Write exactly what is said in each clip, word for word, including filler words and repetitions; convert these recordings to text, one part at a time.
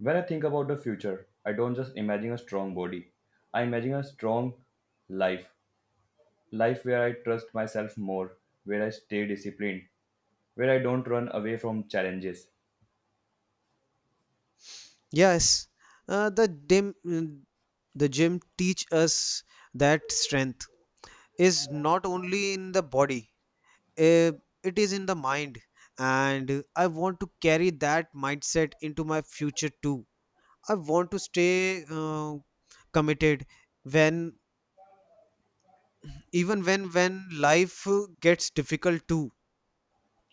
When I think about the future, I don't just imagine a strong body. I imagine a strong life. Life where I trust myself more, where I stay disciplined, where I don't run away from challenges. Yes, uh, the dim, the gym teach us that strength is not only in the body, eh, it is in the mind. And I want to carry that mindset into my future too. I want to stay uh, committed when even when when life uh, gets difficult too.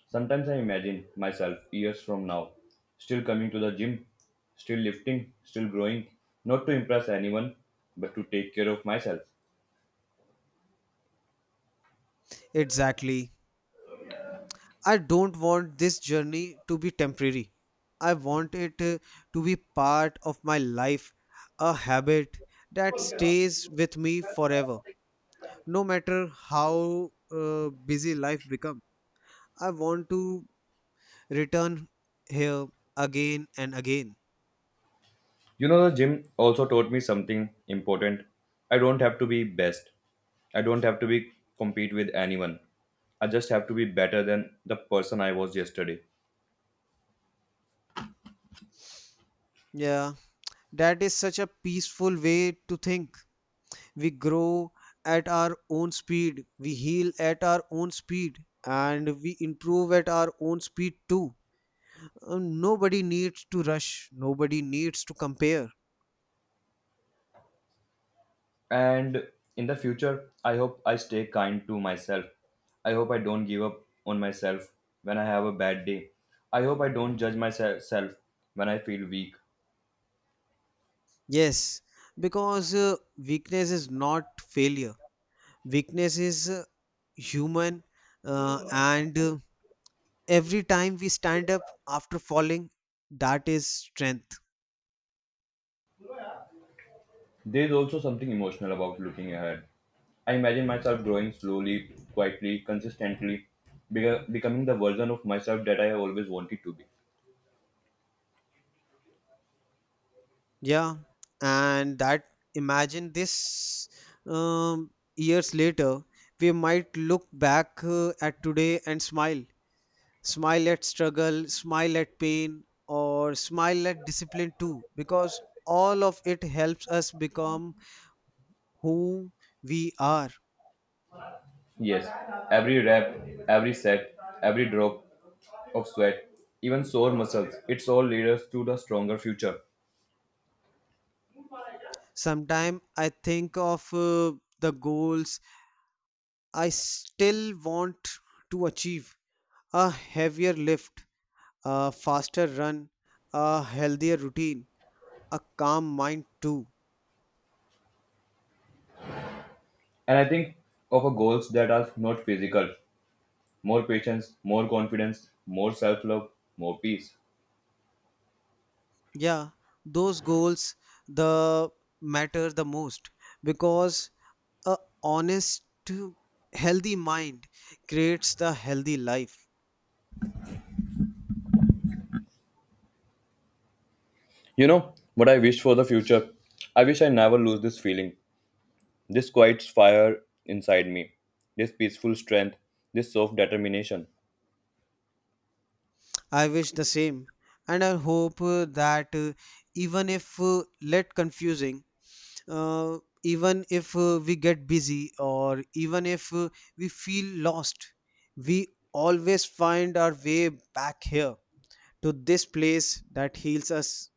Sometimes I imagine myself years from now, still coming to the gym, still lifting, still growing, not to impress anyone, but to take care of myself. Exactly. I don't want this journey to be temporary. I want it uh, to be part of my life, a habit that stays with me forever. No matter how uh, busy life becomes, I want to return here again and again. You know, the gym also taught me something important. I don't have to be best. I don't have to be compete with anyone. I just have to be better than the person I was yesterday. Yeah, that is such a peaceful way to think. We grow at our own speed, we heal at our own speed, and we improve at our own speed too. Uh, nobody needs to rush, nobody needs to compare. And in the future, I hope I stay kind to myself. I hope I don't give up on myself when I have a bad day. I hope I don't judge myself when I feel weak. Yes, because uh, weakness is not failure, weakness is uh, human, uh, and uh, every time we stand up after falling, that is strength. There is also something emotional about looking ahead. I imagine myself growing slowly, quietly, consistently, beca- becoming the version of myself that I have always wanted to be. Yeah, and that imagine this um, years later, we might look back uh, at today and smile smile at struggle, smile at pain, or smile at discipline too, because all of it helps us become who we are. Yes, every rep, every set, every drop of sweat, even sore muscles, it's all lead us to the stronger future. Sometimes I think of uh, the goals I still want to achieve a heavier lift, a faster run, a healthier routine, a calm mind too. And I think of a goals that are not physical, more patience, more confidence, more self-love, more peace. Yeah, those goals the matter the most because a honest healthy mind creates the healthy life. You know what I wish for the future? I wish I never lose this feeling. This quiet fire inside me, this peaceful strength, this soft determination. I wish the same, and I hope uh, that uh, even if uh, let confusing uh, even if uh, we get busy or even if uh, we feel lost, we always find our way back here to this place that heals us.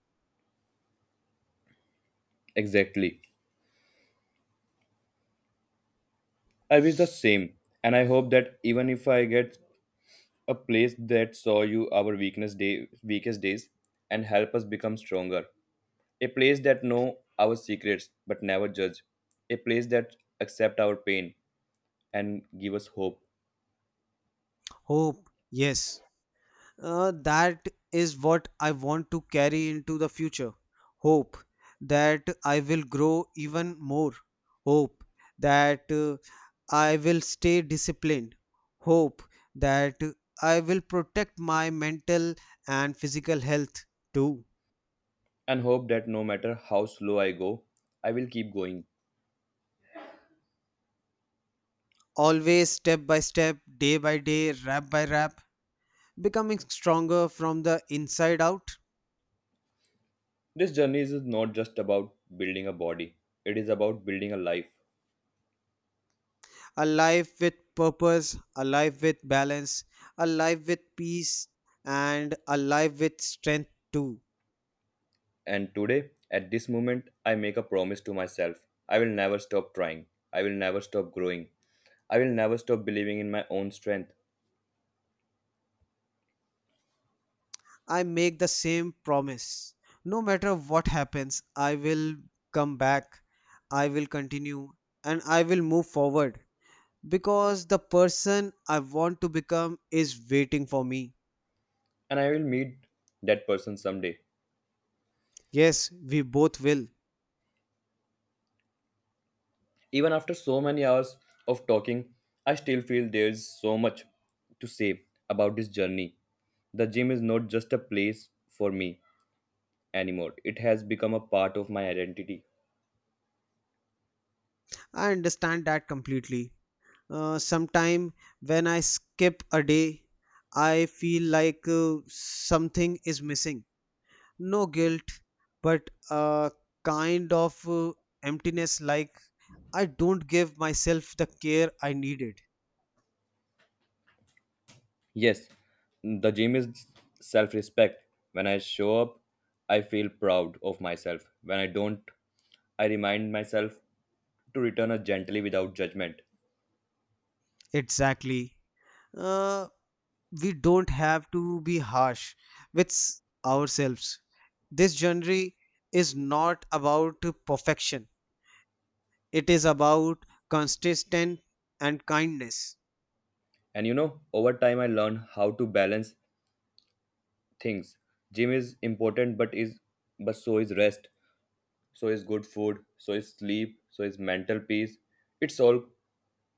Exactly. I wish the same, and I hope that even if I get a place that saw you our weakness day, weakest days and help us become stronger. A place that know our secrets but never judge. A place that accept our pain and give us hope. Hope, yes. Uh, that is what I want to carry into the future. Hope that I will grow even more. Hope that uh, I will stay disciplined. Hope that I will protect my mental and physical health too. And hope that no matter how slow I go, I will keep going. Always step by step, day by day, rap by rap, becoming stronger from the inside out. This journey is not just about building a body, it is about building a life. A life with purpose, a life with balance, a life with peace, and a life with strength too. And today, at this moment, I make a promise to myself. I will never stop trying, I will never stop growing, I will never stop believing in my own strength, I make the same promise. No matter what happens, I will come back, I will continue, and I will move forward because the person I want to become is waiting for me. and I will meet that person someday. Yes, we both will. Even after so many hours of talking, I still feel there is so much to say about this journey. The gym is not just a place for me anymore, it has become a part of my identity. I understand that completely. Uh, sometime when I skip a day, I feel like uh, something is missing. No guilt, but a kind of uh, emptiness, like I don't give myself the care I needed. Yes, the gym is self respect. When I show up, I feel proud of myself. When I don't, I remind myself to return it gently without judgment. Exactly. Uh, we don't have to be harsh with s- ourselves. This journey is not about perfection, it is about consistent and kindness. And you know, over time I learn how to balance things. Gym is important but is but so is rest, so is good food, so is sleep, so is mental peace. It's all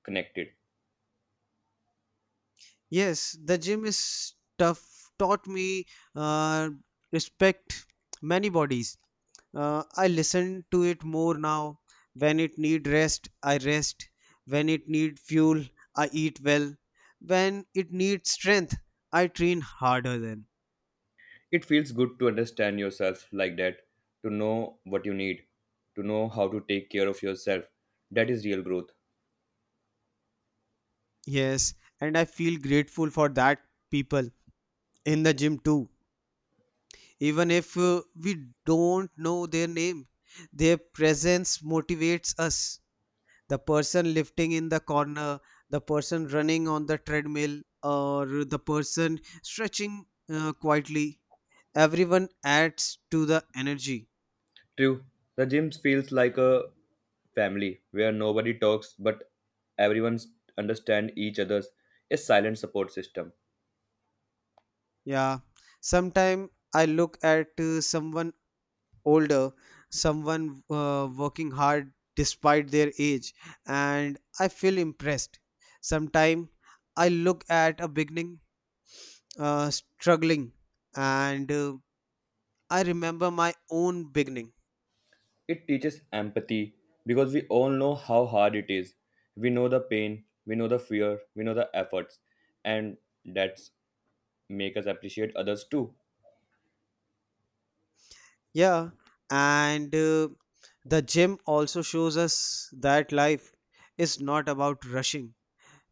connected. Yes, the gym is tough, taught me uh, respect many bodies. Uh, I listen to it more now. When it need rest, I rest. When it need fuel, I eat well. When it needs strength, I train harder then. It feels good to understand yourself like that, to know what you need, to know how to take care of yourself. That is real growth. Yes, and I feel grateful for that people in the gym too. Even if uh, we don't know their name, their presence motivates us. The person lifting in the corner, the person running on the treadmill, or the person stretching uh, quietly. Everyone adds to the energy. True, the gym feels like a family where nobody talks but everyone understands each other's a silent support system. Yeah. Sometimes I look at uh, someone older, someone uh, working hard despite their age, and I feel impressed. Sometimes I look at a beginning uh, struggling, and uh, I remember my own beginning. It teaches empathy because we all know how hard it is. We know the pain, we know the fear, we know the efforts, and that's make us appreciate others too. Yeah, and uh, the gym also shows us that life is not about rushing.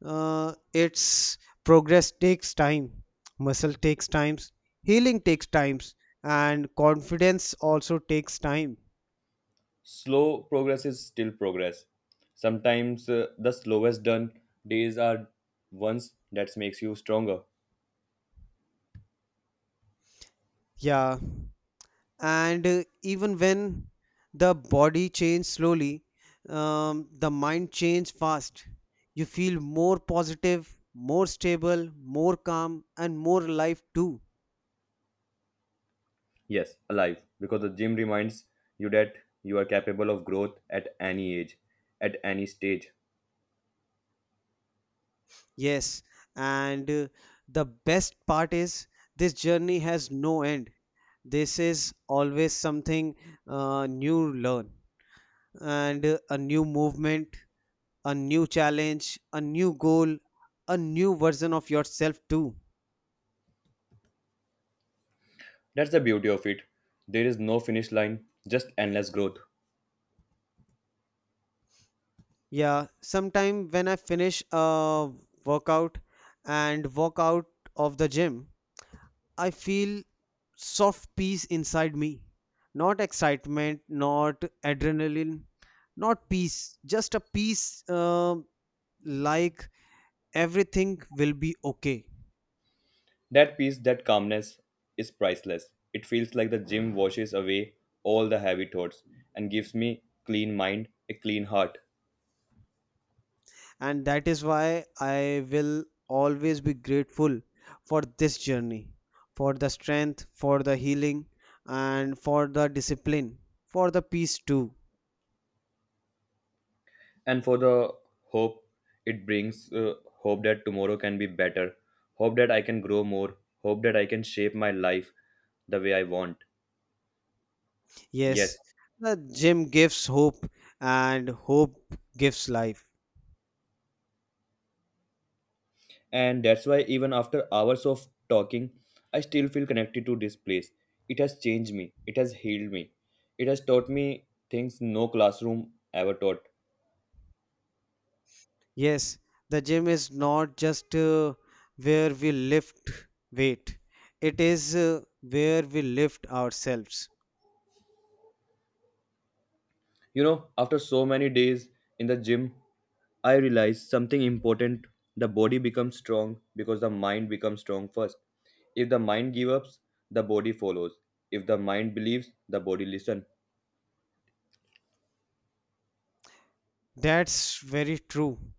Uh, it's progress takes time, muscle takes times, healing takes times, and confidence also takes time. Slow progress is still progress. Sometimes uh, the slowest done days are ones that makes you stronger. Yeah, and uh, even when the body changes slowly, um, the mind changes fast. You feel more positive, more stable, more calm, and more alive too. Yes, alive, because the gym reminds you that you are capable of growth at any age, at any stage. Yes, and uh, the best part is this journey has no end. This is always something uh, new learn and uh, a new movement, a new challenge, a new goal, a new version of yourself too. That's the beauty of it. There is no finish line, just endless growth. Yeah, sometime when I finish a workout and walk out of the gym, I feel soft peace inside me. Not excitement, not adrenaline, not peace. Just a peace uh, like everything will be okay. That peace, that calmness is priceless. It feels like the gym washes away all the heavy thoughts and gives me clean mind, a clean heart. And that is why I will always be grateful for this journey, for the strength, for the healing, and for the discipline, for the peace too. And for the hope it brings, uh, hope that tomorrow can be better, hope that I can grow more, hope that I can shape my life the way I want. Yes, Yes, the gym gives hope, and hope gives life. and that's why even after hours of talking, I still feel connected to this place. It has changed me, it has healed me, it has taught me things no classroom ever taught. Yes, the gym is not just uh, where we lift weight, it is uh, where we lift ourselves. You know, after so many days in the gym I realized something important. The body becomes strong because the mind becomes strong first. If the mind gives up, the body follows. If the mind believes, the body listens. That's very true.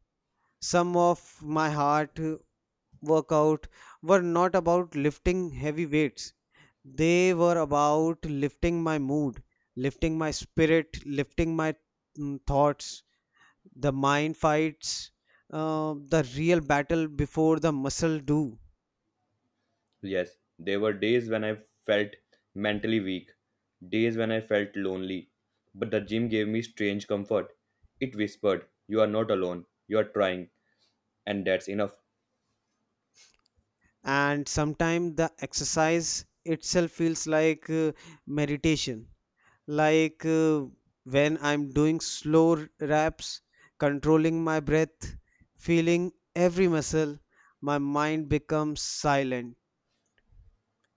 Some of my heart uh, workout were not about lifting heavy weights. They were about lifting my mood, lifting my spirit, lifting my mm, thoughts, the mind fights, uh, the real battle before the muscle do. Yes, there were days when I felt mentally weak, days when I felt lonely. But the gym gave me strange comfort. It whispered, You are not alone, you are trying, and that's enough. And sometimes the exercise itself feels like uh, meditation, like uh, when I'm doing slow r- reps, controlling my breath, feeling every muscle, my mind becomes silent.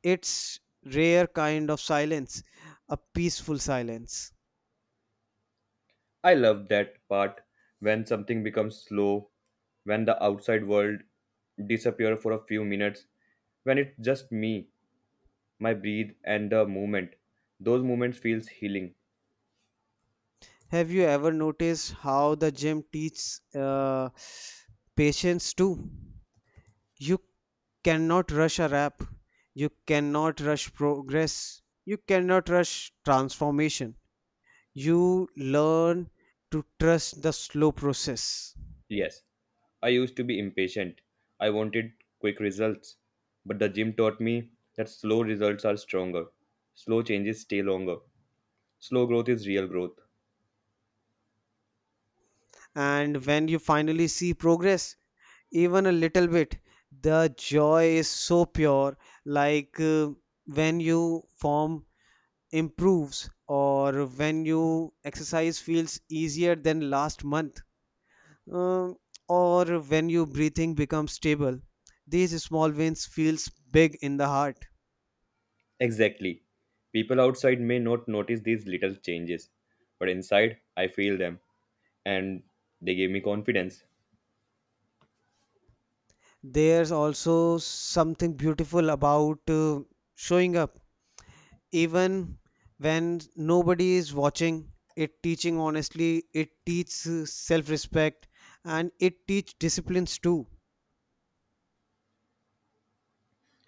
It's rare kind of silence, a peaceful silence. I love that part when something becomes slow, when the outside world disappears for a few minutes, when it's just me, my breathe, and the movement. Those moments feels healing. Have you ever noticed how the gym teaches uh, patience too? You cannot rush a rap. You cannot rush progress. You cannot rush transformation. You learn to trust the slow process. Yes, I used to be impatient. I wanted quick results. But the gym taught me that slow results are stronger. Slow changes stay longer. Slow growth is real growth. And when you finally see progress, even a little bit, the joy is so pure. Like uh, when you form improves, or when you exercise feels easier than last month, um, or when your breathing becomes stable. These small wins feels big in the heart. Exactly. People outside may not notice these little changes, but inside I feel them and they gave me confidence. There's also something beautiful about uh, showing up, even when nobody is watching. It teaching honestly, it teaches uh, self-respect, and it teach disciplines too.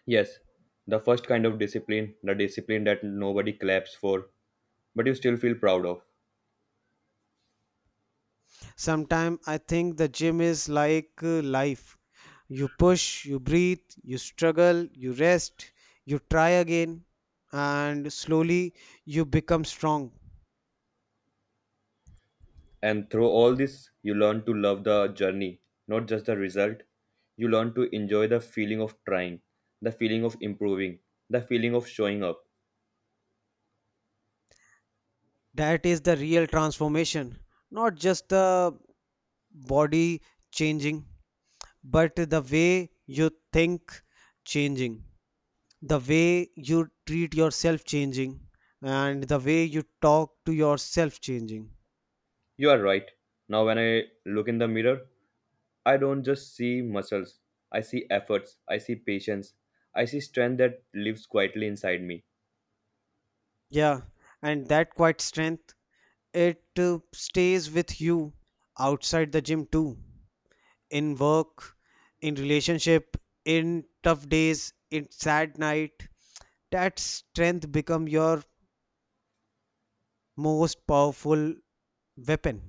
Yes, the first kind of discipline, the discipline that nobody claps for, but you still feel proud of. Sometimes I think the gym is like uh, life. You push, you breathe, you struggle, you rest, you try again, and slowly you become strong. And through all this, you learn to love the journey, not just the result. You learn to enjoy the feeling of trying, the feeling of improving, the feeling of showing up. That is the real transformation, not just the body changing, but the way you think changing, the way you treat yourself changing, and the way you talk to yourself changing. You are right. Now, when I look in the mirror, I don't just see muscles. I see efforts. I see patience. I see strength that lives quietly inside me. Yeah, and that quiet strength, it uh, stays with you outside the gym too. In work, in relationship, in tough days, in sad night. That strength become your most powerful weapon.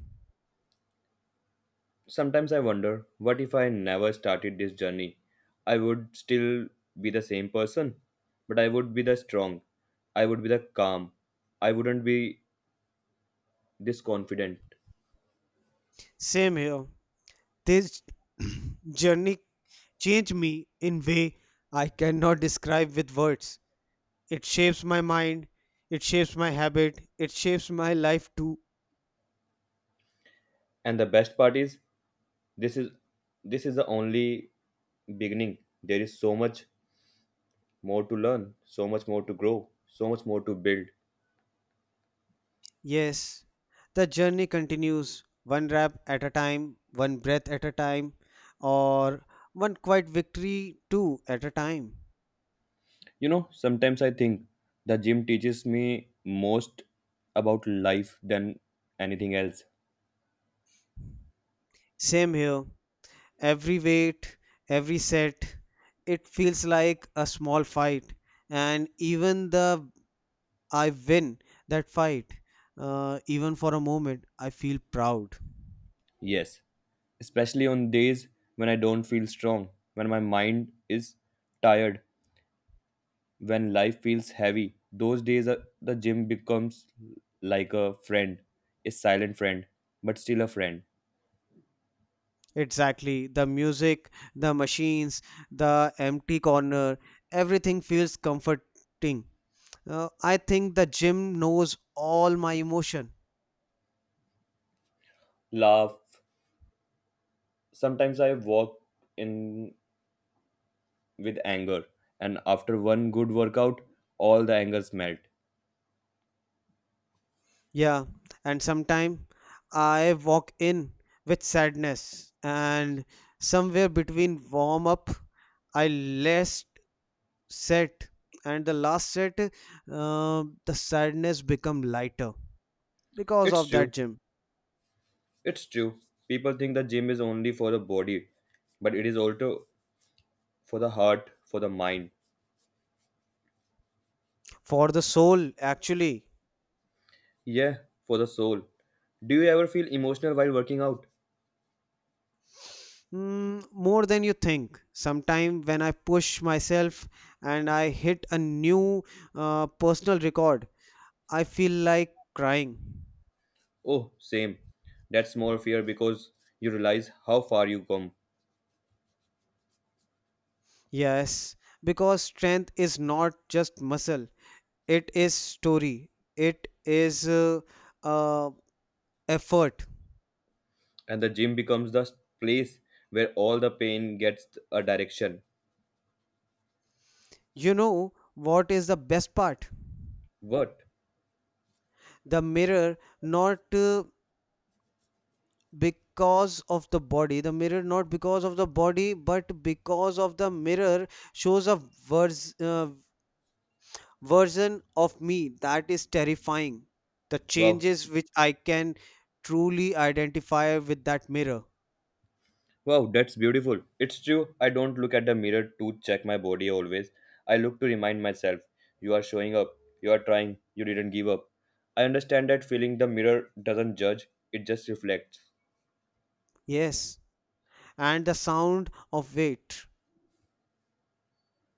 Sometimes I wonder what if I never started this journey? I would still be the same person, but I would be the strong. I would be the calm. I wouldn't be this confident. Same here. This journey changed me in way I cannot describe with words. It shapes my mind, it shapes my habit, it shapes my life too. And the best part is this is this is the only beginning. There is so much more to learn, so much more to grow, so much more to build. Yes, the journey continues, one rap at a time, one breath at a time, or one quiet victory too at a time. You know, sometimes I think the gym teaches me most about life than anything else. Same here, every weight, every set, it feels like a small fight, and even the I win that fight, uh, even for a moment, I feel proud. Yes, especially on days when I don't feel strong, when my mind is tired, when life feels heavy. Those days, are, the gym becomes like a friend, a silent friend, but still a friend. Exactly. The music, the machines, the empty corner, everything feels comforting. Uh, I think the gym knows all my emotion. Laugh. Sometimes I walk in with anger, and after one good workout, all the angers melt. Yeah, and sometimes I walk in with sadness, and somewhere between warm up, I last set, and the last set, uh, the sadness become lighter because It's of true. that gym. It's true. People think the gym is only for the body, but it is also for the heart, for the mind. For the soul actually. Yeah, for the soul. Do you ever feel emotional while working out? Mm, more than you think. Sometime when I push myself and I hit a new uh, personal record, I feel like crying. Oh, same. That's more fear because you realize how far you come, Yes, because strength is not just muscle, it is story, it is uh, uh, effort. and the gym becomes the place where all the pain gets a direction. You know what is the best part? What? The mirror, not uh, because of the body the mirror not because of the body but because of the mirror shows a vers- uh, version of me that is terrifying, the Wow. changes which I can truly identify with that mirror. Wow, that's beautiful. It's true, I don't look at the mirror to check my body always. I look to remind myself, you are showing up, you are trying, you didn't give up. I understand that feeling the mirror doesn't judge, it just reflects. Yes, and the sound of it.